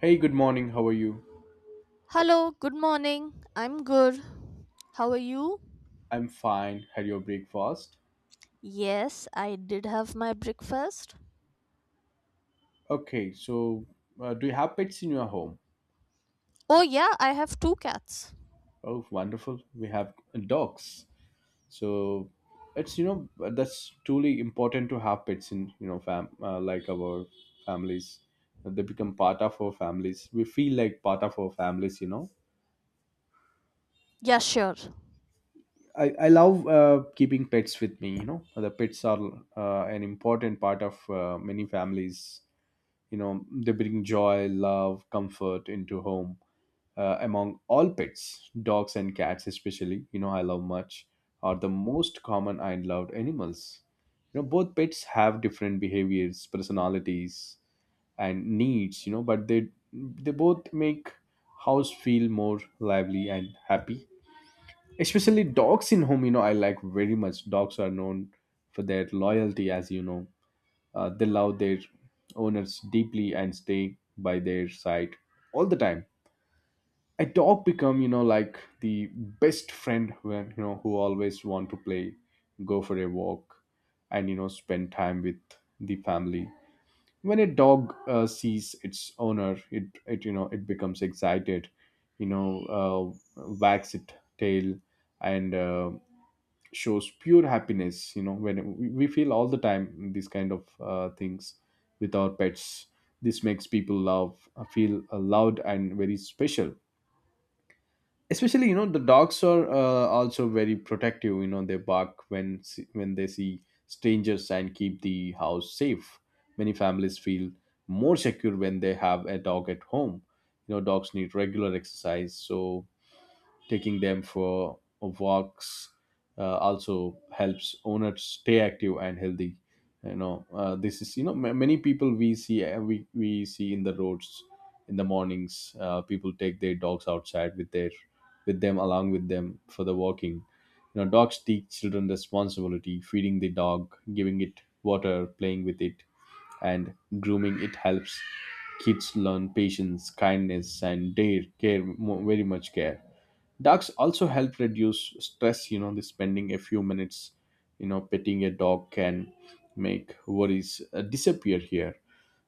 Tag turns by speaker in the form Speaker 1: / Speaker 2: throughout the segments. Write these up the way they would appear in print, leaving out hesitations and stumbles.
Speaker 1: Hey, good morning. How are you?
Speaker 2: Hello, good morning. I'm good. How are you?
Speaker 1: I'm fine. Had your breakfast?
Speaker 2: Yes, I did have my breakfast.
Speaker 1: Okay, so do you have pets in your home?
Speaker 2: Oh, yeah, I have two cats.
Speaker 1: Oh, wonderful. We have dogs. So it's you know that's truly important to have pets in you know fam like our families. They become part of our families. We feel like part of our families. You know.
Speaker 2: Yeah, sure.
Speaker 1: I love keeping pets with me. You know, the pets are an important part of many families, you know, they bring joy, love, comfort into home. Uh, among all pets, dogs and cats, especially, you know, I love much, are the most common and loved animals. You know, both pets have different behaviors, personalities, and needs, you know, but they both make house feel more lively and happy. Especially dogs in home, you know, I like very much. Dogs are known for their loyalty, as you know. Uh, they love their owners deeply and stay by their side all the time. A dog become, you know, like the best friend, when you know who always want to play, go for a walk, and, you know, spend time with the family. When a dog sees its owner, it becomes excited, you know, wags its tail and shows pure happiness. You know, when we feel all the time these kind of things with our pets, this makes people love, feel loved and very special. Especially, you know, the dogs are also very protective. You know, they bark when when they see strangers and keep the house safe. Many families feel more secure when they have a dog at home. You know, dogs need regular exercise, so taking them for walks also helps owners stay active and healthy. You know, this is you know ma many people we see, we see in the roads in the mornings, people take their dogs outside with their with them, along with them, for the walking. You know, dogs teach children responsibility. Feeding the dog, giving it water, playing with it and grooming it helps kids learn patience, kindness, and very much care. Dogs also help reduce stress. You know, the spending a few minutes, you know, petting a dog can make worries disappear here.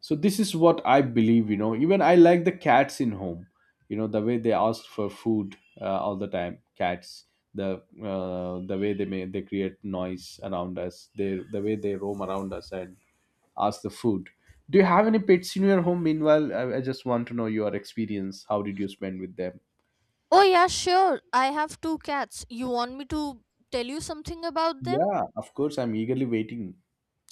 Speaker 1: So this is what I believe. You know, even I like the cats in home. You know, the way they ask for food all the time. Cats, the the way they create noise around us. The way they roam around us and ask the food. Do you have any pets in your home? Meanwhile, I just want to know your experience. How did you spend with them?
Speaker 2: Oh, yeah, sure. I have two cats. You want me to tell you something about them?
Speaker 1: Yeah, of course, I'm eagerly waiting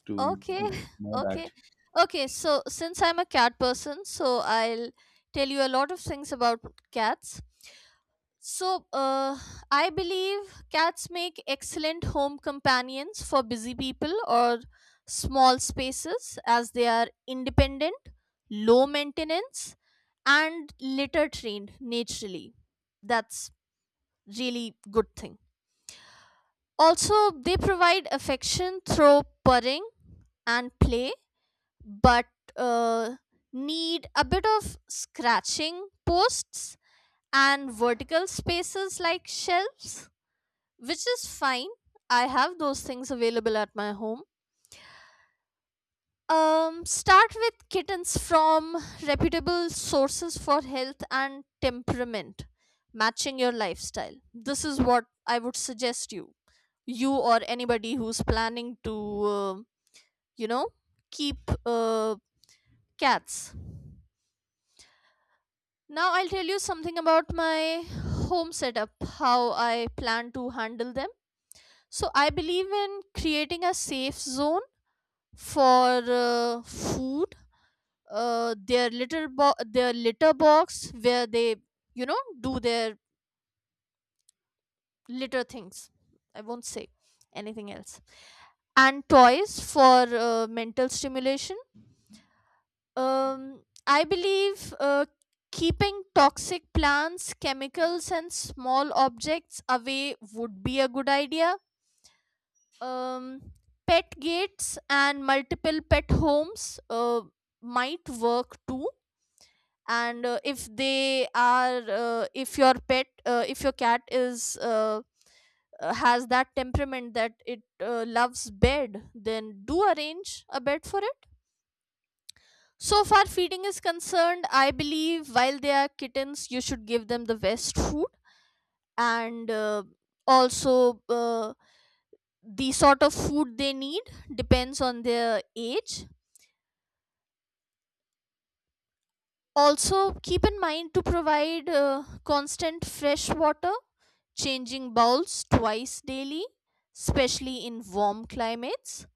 Speaker 1: to
Speaker 2: Okay,
Speaker 1: know
Speaker 2: okay.
Speaker 1: that.
Speaker 2: Okay, so since I'm a cat person, so I'll tell you a lot of things about cats. So, I believe cats make excellent home companions for busy people or small spaces, as they are independent, low maintenance, and litter trained naturally. That's really good thing. Also, they provide affection through purring and play, but uh, need a bit of scratching posts and vertical spaces like shelves, which is fine. I have those things available at my home. Start with kittens from reputable sources for health and temperament, matching your lifestyle. This is what I would suggest you, you or anybody who's planning to, you know, keep cats. Now I'll tell you something about my home setup, how I plan to handle them. So I believe in creating a safe zone for food, their their litter box where they do their litter things. I won't say anything else. And toys for mental stimulation. I believe keeping toxic plants, chemicals, and small objects away would be a good idea. um, Pet gates and multiple pet homes might work too. And if they are uh- if your pet if your cat is has that temperament that it loves bed, then do arrange a bed for it. So far feeding is concerned, I believe while they are kittens you should give them the best food. And also, the sort of food they need depends on their age. Also, keep in mind to provide constant fresh water, changing bowls twice daily, especially in warm climates.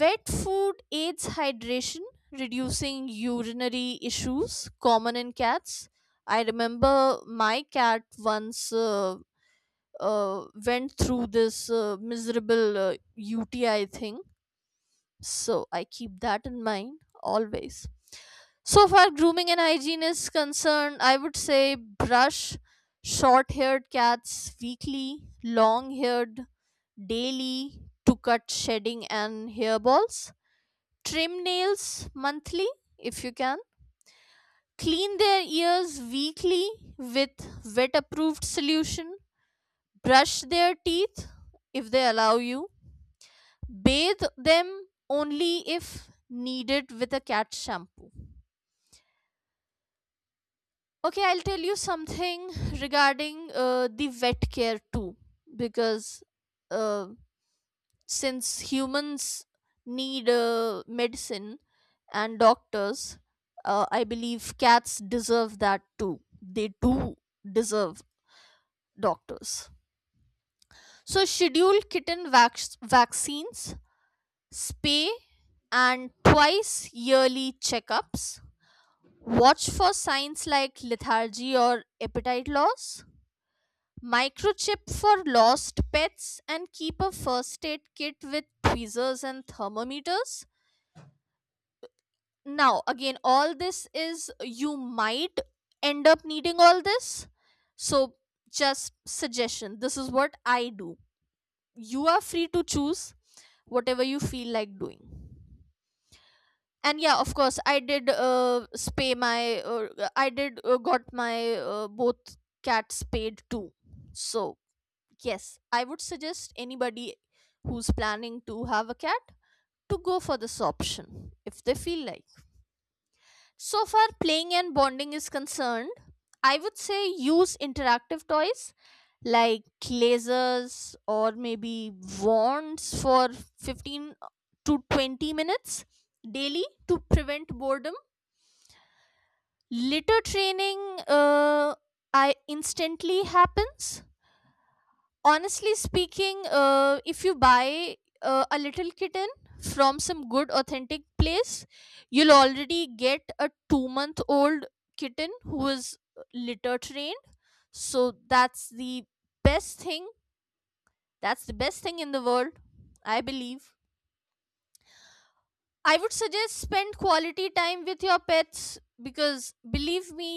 Speaker 2: Wet food aids hydration, reducing urinary issues common in cats. I remember my cat once went through this miserable UTI thing, so I keep that in mind always. So far grooming and hygiene is concerned, I would say brush short haired cats weekly, long haired daily, to cut shedding and hairballs, trim nails monthly if you can, clean their ears weekly with vet approved solution, brush their teeth if they allow you, bathe them only if needed with a cat shampoo. Okay, I'll tell you something regarding the vet care too, because uh, since humans need medicine and doctors, I believe cats deserve that too. They do deserve doctors. So, schedule vaccines, spay, and twice yearly checkups. Watch for signs like lethargy or appetite loss. Microchip for lost pets and keep a first aid kit with tweezers and thermometers. Now, again, all this is, you might end up needing all this. So, just suggestion, this is what I do. You are free to choose whatever you feel like doing. And yeah, of course, I did spay my I did got my both cats spayed too. So yes, I would suggest anybody who's planning to have a cat to go for this option if they feel like. So far playing and bonding is concerned, I would say use interactive toys like lasers or maybe wands for 15 to 20 minutes daily to prevent boredom. Litter training, I instantly happens. Honestly speaking, if you buy a little kitten from some good authentic place, you'll already get a 2 month old kitten who is litter trained. So that's the best thing. That's the best thing in the world, I believe. I would suggest spend quality time with your pets, because believe me,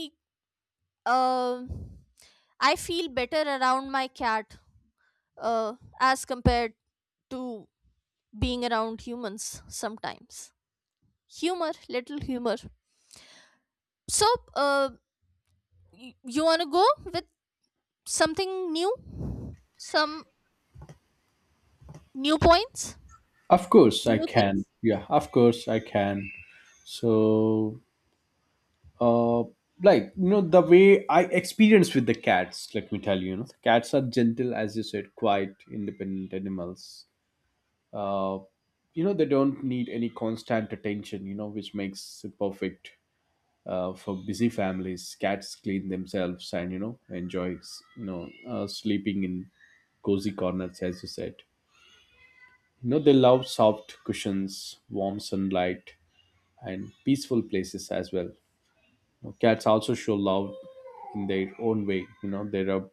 Speaker 2: Um, I feel better around my cat uh, as compared to being around humans sometimes. Humor, little humor. So, uh, you want to go with something new? Some new points?
Speaker 1: Of course, I
Speaker 2: New
Speaker 1: can.
Speaker 2: things?
Speaker 1: Yeah, of course, I can. So, uh, like, you know, the way I experience with the cats, let me tell you, you know, the cats are gentle, as you said, quiet, independent animals. Uh, you know, they don't need any constant attention, you know, which makes it perfect. For busy families, cats clean themselves and, you know, enjoy, sleeping in cozy corners, as you said. You know, they love soft cushions, warm sunlight, and peaceful places as well. You. Cats also show love in their own way. You know, they rub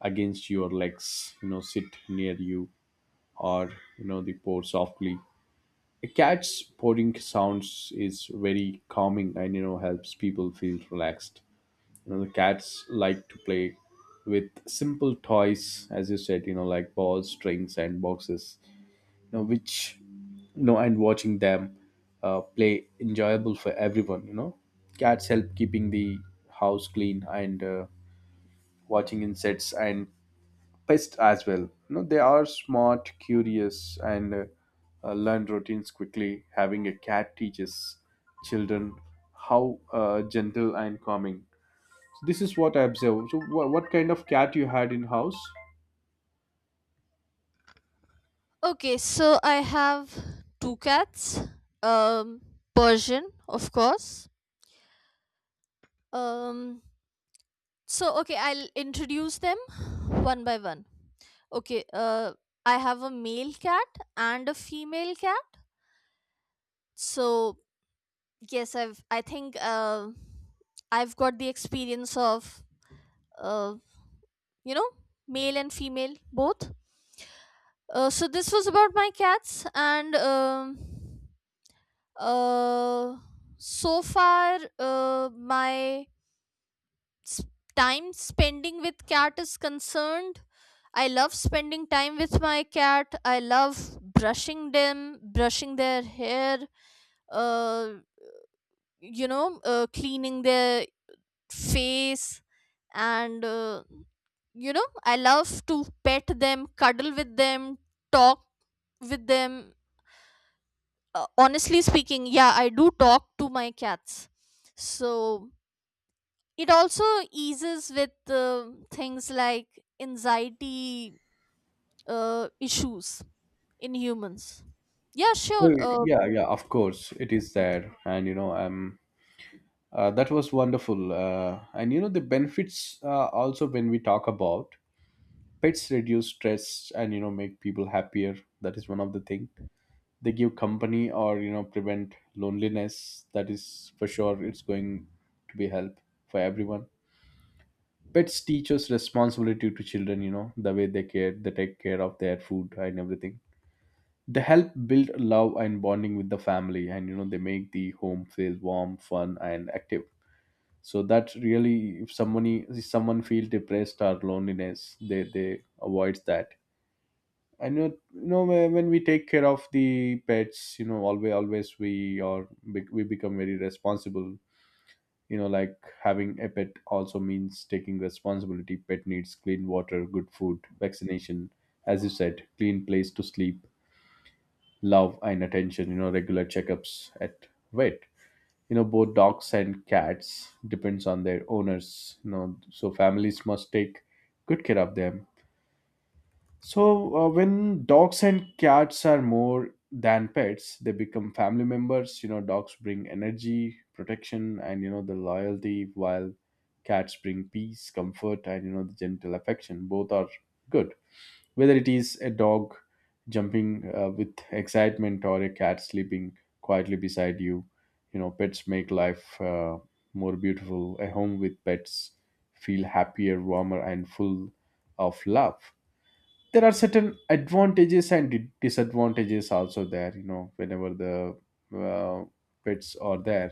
Speaker 1: against your legs, you know, sit near you, or, you know, they purr softly. A cat's purring sounds is very calming and, you know, helps people feel relaxed. You know, the cats like to play with simple toys, as you said, you know, like balls, strings, and boxes, you know, which, you know, and watching them play enjoyable for everyone. You know, cats help keeping the house clean and watching insects and pests as well. You know, they are smart, curious, and learn routines quickly. Having a cat teaches children how gentle and calming. So this is what I observe. So what kind of cat you had in house?
Speaker 2: Okay, so I have two cats. Um, Persian, of course. Um, okay, I'll introduce them one by one. Okay, I have a male cat and a female cat. So, yes, I think, I've got the experience of, uh, you know, male and female both. So this was about my cats, and uh, so far, my s- time spending with cat is concerned, I love spending time with my cat. I love brushing them, brushing their hair, uh, cleaning their face, and I love to pet them, cuddle with them, talk with them. Honestly speaking, yeah, I do talk to my cats. So it also eases with things like anxiety issues in humans. Yeah,
Speaker 1: Oh,
Speaker 2: sure. uh,
Speaker 1: yeah, yeah, of course it is there, and you know I'm. That was wonderful. And you know, the benefits also when we talk about pets reduce stress and, you know, make people happier. That is one of the thing. They give company or, you know, prevent loneliness. That is for sure. It's going to be help for everyone. Pets teach us responsibility to children. You know the way they care, they take care of their food and everything. They help build love and bonding with the family, and you know they make the home feel warm, fun, and active, so that really if someone feels depressed or loneliness, they avoids that. And you know, when we take care of the pets, you know, always we are we become very responsible. You know, like, having a pet also means taking responsibility. Pet needs clean water, good food, vaccination, as you said, clean place to sleep, love, and attention. You know, regular checkups at vet, you know, both dogs and cats depends on their owners. You know, so families must take good care of them. So when dogs and cats are more than pets, they become family members. You know, dogs bring energy, protection, and, you know, the loyalty, while cats bring peace, comfort, and, you know, the gentle affection. Both are good. Whether it is a dog jumping with excitement, or a cat sleeping quietly beside you, you know, pets make life more beautiful. A home with pets feel happier, warmer, and full of love. There are certain advantages and disadvantages also there. You know, whenever the uh, pets are there,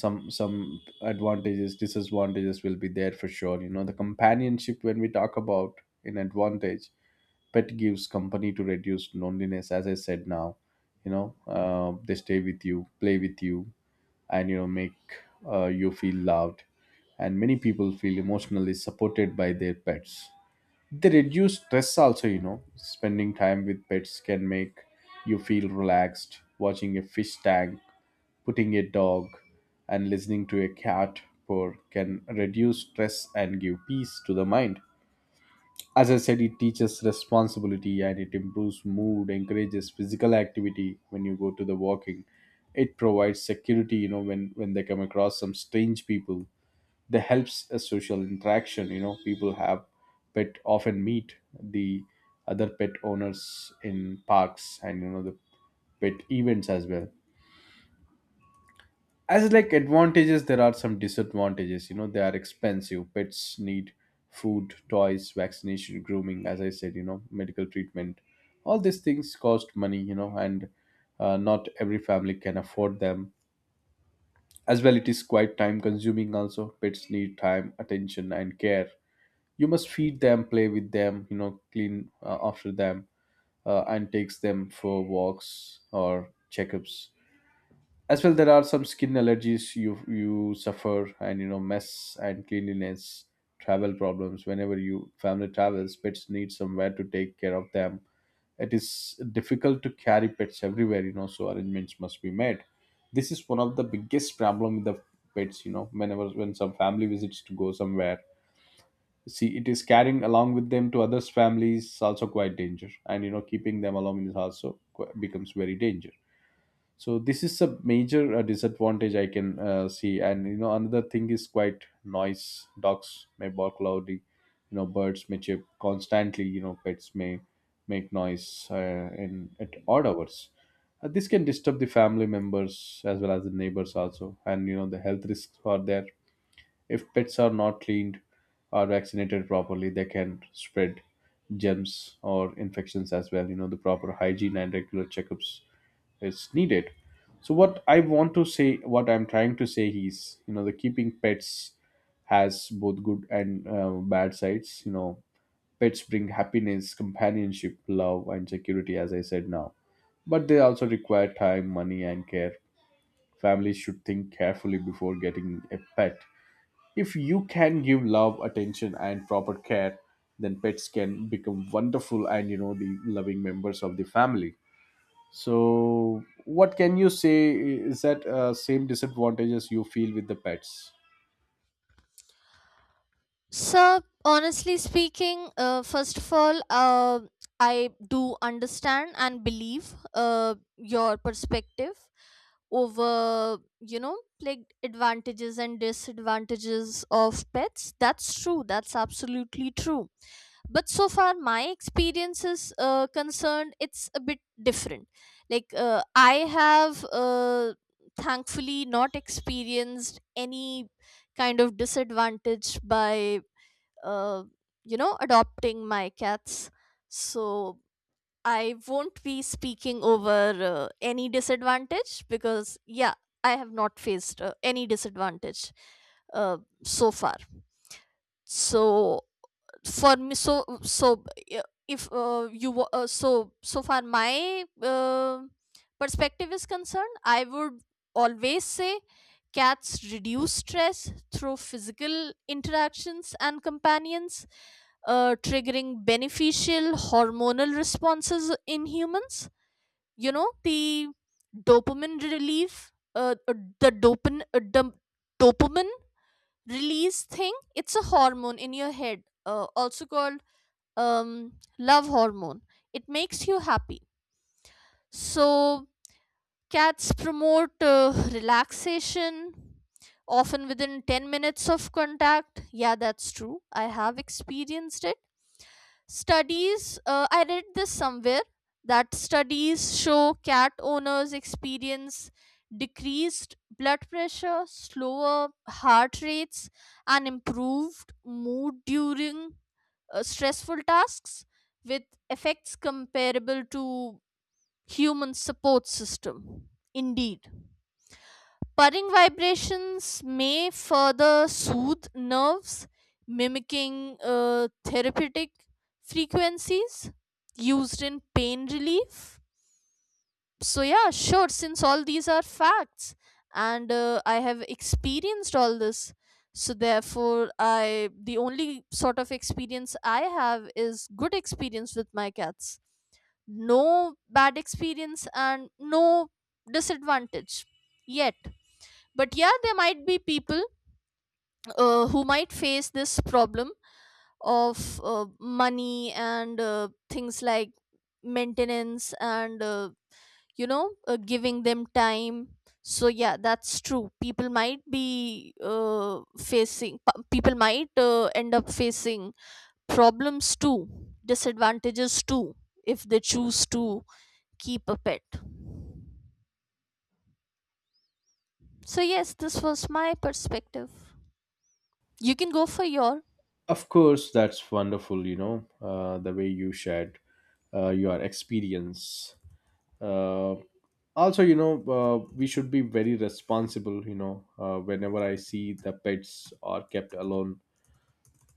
Speaker 1: some advantages, disadvantages will be there for sure. You know, the companionship, when we talk about an advantage, pet gives company to reduce loneliness, as I said now. You know, they stay with you, play with you, and, you know, make you feel loved. And many people feel emotionally supported by their pets. They reduce stress also. You know, spending time with pets can make you feel relaxed. Watching a fish tank, putting a dog, and listening to a cat purr can reduce stress and give peace to the mind. As I said, it teaches responsibility and it improves mood, encourages physical activity when you go to the walking. It provides security, you know, when they come across some strange people. They helps a social interaction, you know, people have pet often meet the other pet owners in parks and, you know, the pet events as well. As like advantages, there are some disadvantages. You know, they are expensive. Pets need food, toys, vaccination, grooming, as I said, you know, medical treatment. All these things cost money, you know, and not every family can afford them. As well, it is quite time consuming also. Pets need time, attention, and care. You must feed them, play with them, you know, clean after them, and takes them for walks or checkups. As well, there are some skin allergies you suffer, and you know mess and cleanliness, travel problems. Whenever you family travels, pets need somewhere to take care of them. It is difficult to carry pets everywhere, you know, so arrangements must be made. This is one of the biggest problem with the pets. You know, whenever when some family visits to go somewhere, see, it is carrying along with them to others families also quite danger, and you know keeping them along is also becomes very danger. So this is a major disadvantage I can see. And you know another thing is quite noise. Dogs may bark loudly, you know, birds may chirp constantly, you know, pets may make noise in at odd hours. This can disturb the family members as well as the neighbors also. And you know the health risks are there. If pets are not cleaned or vaccinated properly, they can spread germs or infections as well. You know, the proper hygiene and regular checkups is needed. So what I'm trying to say is, you know, the keeping pets has both good and bad sides. You know, pets bring happiness, companionship, love, and security, as I said now, but they also require time, money, and care. Families should think carefully before getting a pet. If you can give love, attention, and proper care, then pets can become wonderful and, you know, the loving members of the family. So, what can you say? Is that same disadvantages you feel with the pets?
Speaker 2: so honestly speaking, first of all, I do understand and believe uh, your perspective over, you know, like advantages and disadvantages of pets. That's true, that's absolutely true. But so far my experience is concerned, it's a bit different. Like, I have, thankfully, not experienced any kind of disadvantage by, uh, you know, adopting my cats. So I won't be speaking over any disadvantage, because yeah, I have not faced any disadvantage, uh, so far. So for me so so uh, if, you wa- so so far my, perspective is concerned, I would always say cats reduce stress through physical interactions and companions, triggering beneficial hormonal responses in humans. You know, the dopamine relief, the dopamine uh, dum- dopamine release thing, it's a hormone in your head, also called, um, love hormone. It makes you happy. So, cats promote relaxation often within 10 minutes of contact. Yeah, that's true, I have experienced it. Studies, I read this somewhere, that studies show cat owners experience decreased blood pressure, slower heart rates, and improved mood during stressful tasks, with effects comparable to human support system. Indeed, purring vibrations may further soothe nerves, mimicking therapeutic frequencies used in pain relief. So yeah, sure, since all these are facts, and I have experienced all this, so therefore I the only sort of experience I have is good experience with my cats. No bad experience and no disadvantage yet. But yeah, there might be people, who might face this problem of, money and, things like maintenance and, giving them time. So yeah, that's true, people might be, people might, end up facing problems too, disadvantages too, if they choose to keep a pet. So yes, this was my perspective, you can go for your.
Speaker 1: Of course, that's wonderful. You know, the way you shared your experience. Uh, also, you know, we should be very responsible. You know, whenever I see the pets are kept alone,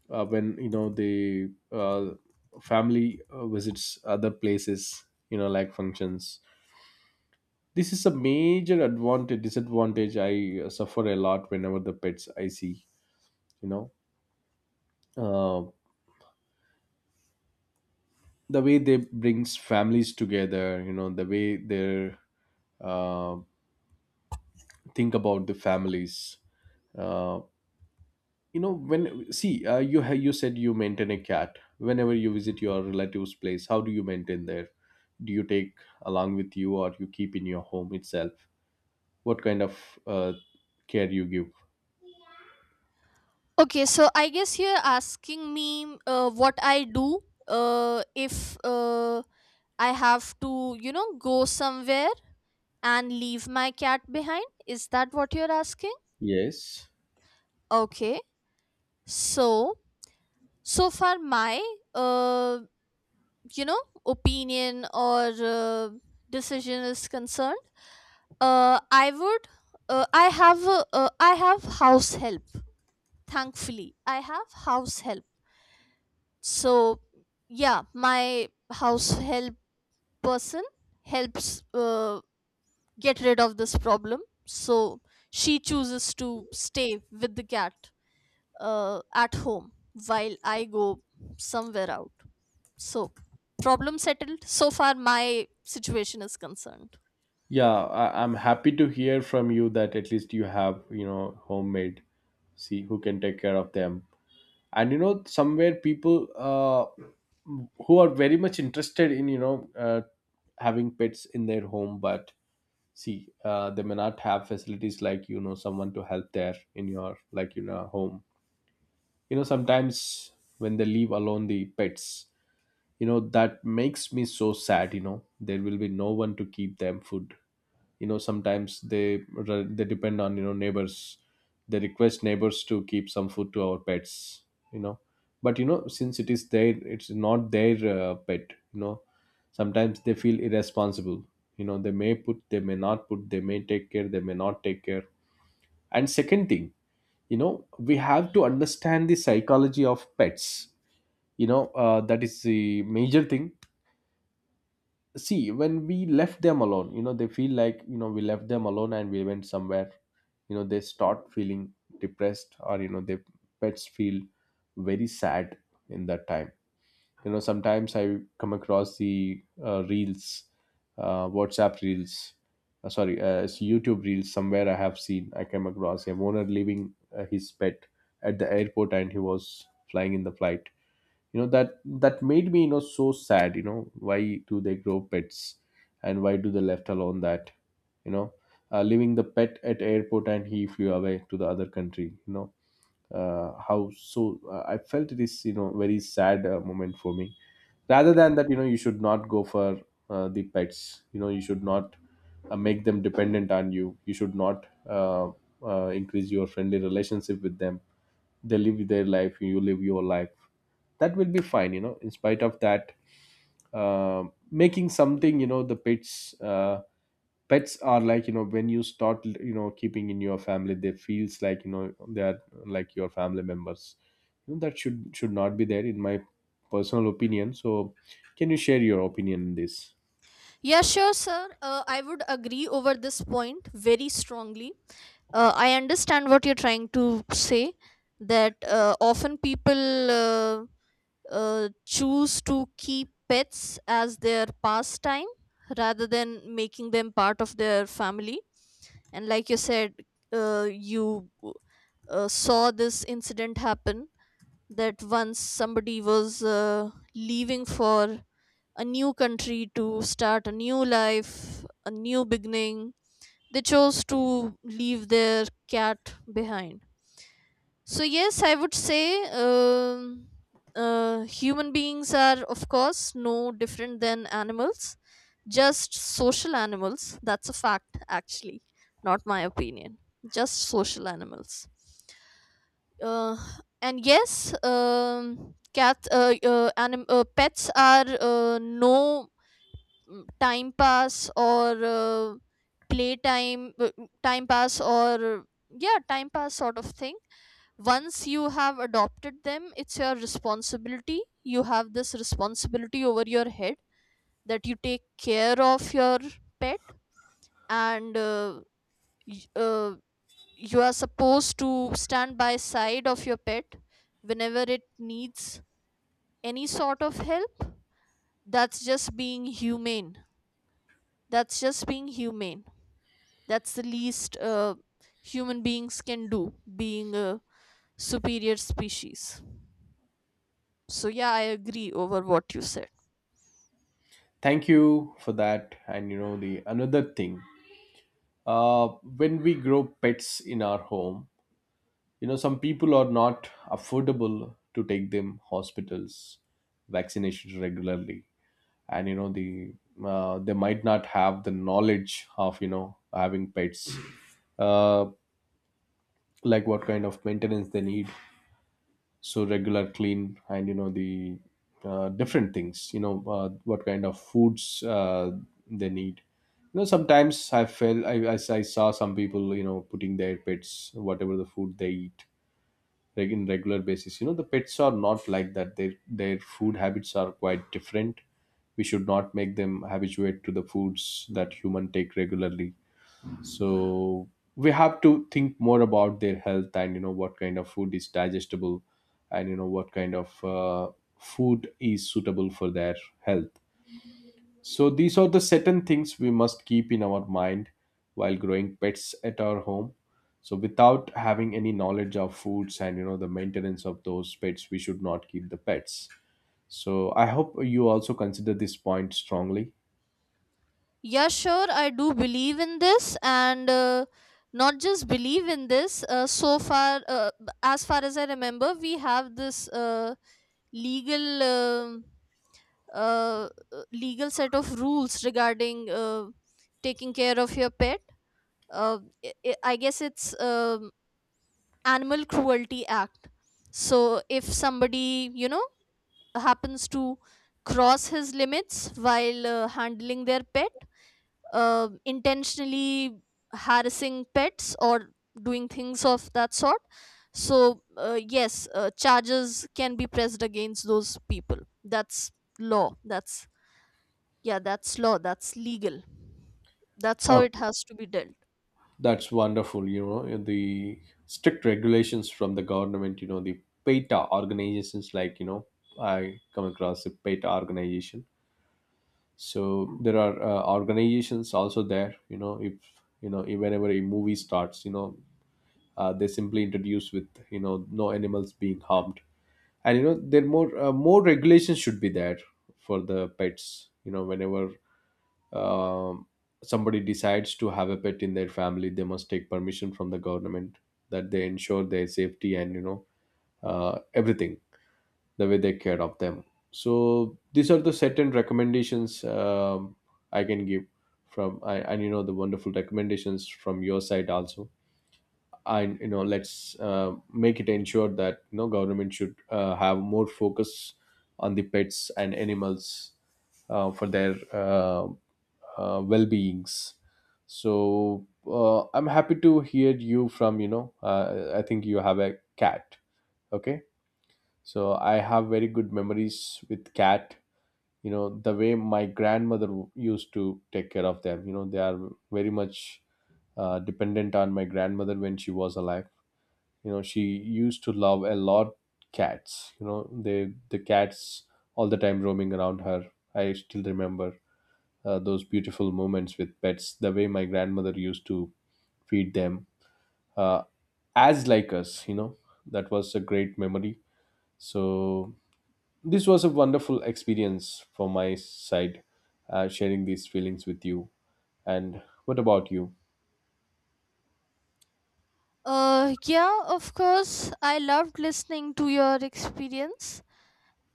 Speaker 1: when you know the family visits other places, you know, like functions. This is a major advantage disadvantage I suffer a lot whenever the pets I see. You know, uh, the way they brings families together. You know, the way they uh, think about the families. Uh, you know, when see you said you maintain a cat. Whenever you visit your relative's place, how do you maintain there? Do you take along with you, or you keep in your home itself? What kind of uh, care you give?
Speaker 2: Okay, so I guess you're asking me, what I do, if I have to, you know, go somewhere and leave my cat behind? Is that what you're asking?
Speaker 1: Yes.
Speaker 2: Okay. So, so far my, uh, you know, opinion or, decision is concerned, uh, I would I have a, I have house help. Thankfully, I have house help. So, yeah, my house help person helps get rid of this problem. So she chooses to stay with the cat at home while I go somewhere out. So, problem settled. So far, my situation is concerned.
Speaker 1: Yeah, I'm happy to hear from you that at least you have, you know, homemade. See who can take care of them. And you know, somewhere people who are very much interested in, you know, having pets in their home, but see, they may not have facilities like, you know, someone to help there in your, like, you know, home. You know, sometimes when they leave alone the pets, you know, that makes me so sad, you know, there will be no one to keep them food. You know, sometimes they depend on, you know, neighbors. They request neighbors to keep some food to our pets, you know. But you know, since it's not their pet, you know, sometimes they feel irresponsible. You know, they may not put, they may take care, they may not take care. And second thing, you know, we have to understand the psychology of pets. You know, that is the major thing. See, when we left them alone, you know, they feel like, you know, we left them alone and we went somewhere. You know, they start feeling depressed, or you know, their pets feel very sad in that time. You know, sometimes I come across the reels, WhatsApp reels. Sorry, it's YouTube reels. Somewhere I have seen, I came across a owner leaving his pet at the airport and he was flying in the flight. You know, that made me, you know, so sad. You know, why do they grow pets and why do they left alone that? You know, leaving the pet at airport and he flew away to the other country, you know. How so? I felt it is, you know, very sad moment for me. Rather than that, you know, you should not go for the pets. You know, you should not make them dependent on you. You should not increase your friendly relationship with them. They live their life, you live your life. That will be fine, you know. In spite of that, making something, you know, the pets pets are like, you know, when you start, you know, keeping in your family, they feels like, you know, they are like your family members. You know, that should not be there in my personal opinion. So can you share your opinion on this?
Speaker 2: Yeah, sure, sir. I would agree over this point very strongly. I understand what you're trying to say, that often people. Choose to keep pets as their pastime rather than making them part of their family. And like you said, you saw this incident happen, that once somebody was leaving for a new country to start a new life, a new beginning, they chose to leave their cat behind. So yes, I would say, human beings are, of course, no different than animals, just social animals. That's a fact, actually, not my opinion. Just social animals. Uh, and yes, pets are no, time pass or, play time uh, time pass or yeah, time pass sort of thing. Once you have adopted them, it's your responsibility. You have this responsibility over your head, that you take care of your pet. And y- uh, you are supposed to stand by side of your pet whenever it needs any sort of help. That's just being humane, that's just being humane. That's the least human beings can do, being a superior species. So, yeah, I agree over what you said.
Speaker 1: Thank you for that. And you know, the another thing, uh when we grow pets in our home, you know, some people are not affordable to take them hospitals, vaccinations regularly. And you know the they might not have the knowledge of, you know, having pets, uh, like what kind of maintenance they need. So regular clean and you know the different things, you know, what kind of foods they need. You know, sometimes I felt, I saw some people, you know, putting their pets whatever the food they eat, like in regular basis. You know, the pets are not like that, their food habits are quite different. We should not make them habituate to the foods that human take regularly. So we have to think more about their health and you know what kind of food is digestible, and you know what kind of food is suitable for their health. So these are the certain things we must keep in our mind while growing pets at our home. So without having any knowledge of foods and you know the maintenance of those pets, we should not keep the pets. So I hope you also consider this point strongly.
Speaker 2: Yeah, sure, I do believe in this, and not just believe in this. So far, as far as I remember, we have this legal. um uh, legal set of rules regarding taking care of your pet. Uh, I guess it's, animal cruelty act. So if somebody, you know, happens to cross his limits while handling their pet, intentionally harassing pets or doing things of that sort, so yes, charges can be pressed against those people. That's law that's Yeah, that's law, that's legal. That's how it
Speaker 1: Okay,
Speaker 2: has to be dealt.
Speaker 1: that's wonderful. You know the strict regulations from the government. You know the PETA organizations, like, you know, I come across the PETA organization. So there are organizations also there, you know, if you know, if whenever a movie starts, you know, they simply introduce with, you know, no animals being harmed. And you know, there more more regulations should be there for the pets. You know, whenever um, somebody decides to have a pet in their family, they must take permission from the government, that they ensure their safety and you know everything, the way they care of them. So these are the certain recommendations I can give from and you know the wonderful recommendations from your side also. And you know, let's make it ensure that, you know, government should have more focus on the pets and animals for their well-beings. So I'm happy to hear you from, you know, I think you have a cat. Okay. So I have very good memories with cat. You know, the way my grandmother used to take care of them, you know, they are very much dependent on my grandmother when she was alive. You know, she used to love a lot cats, you know, the cats all the time roaming around her. I still remember those beautiful moments with pets, the way my grandmother used to feed them, uh, as like us, you know. That was a great memory. So this was a wonderful experience for my side, sharing these feelings with you. And what about you?
Speaker 2: Yeah, of course. I loved listening to your experience,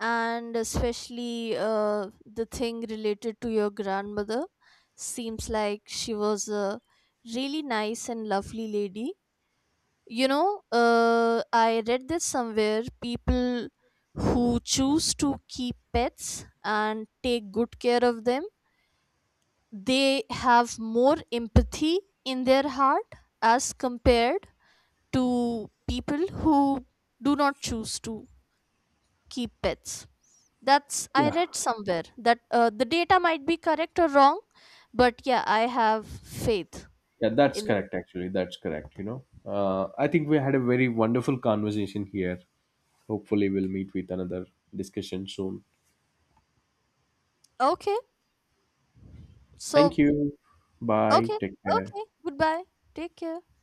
Speaker 2: and especially the thing related to your grandmother. Seems like she was a really nice and lovely lady. You know, I read this somewhere. People who choose to keep pets and take good care of them, they have more empathy in their heart as compared to people who do not choose to keep pets. That's, I
Speaker 1: Yeah.
Speaker 2: read somewhere that the data might be correct or wrong, but yeah, I have faith
Speaker 1: Yeah, that's
Speaker 2: in.
Speaker 1: correct, actually. That's correct, you know. I think we had a very wonderful conversation here. Hopefully, we'll meet with another discussion soon.
Speaker 2: Okay, so
Speaker 1: Thank you. Bye.
Speaker 2: okay,
Speaker 1: Take care.
Speaker 2: okay, goodbye. Take care.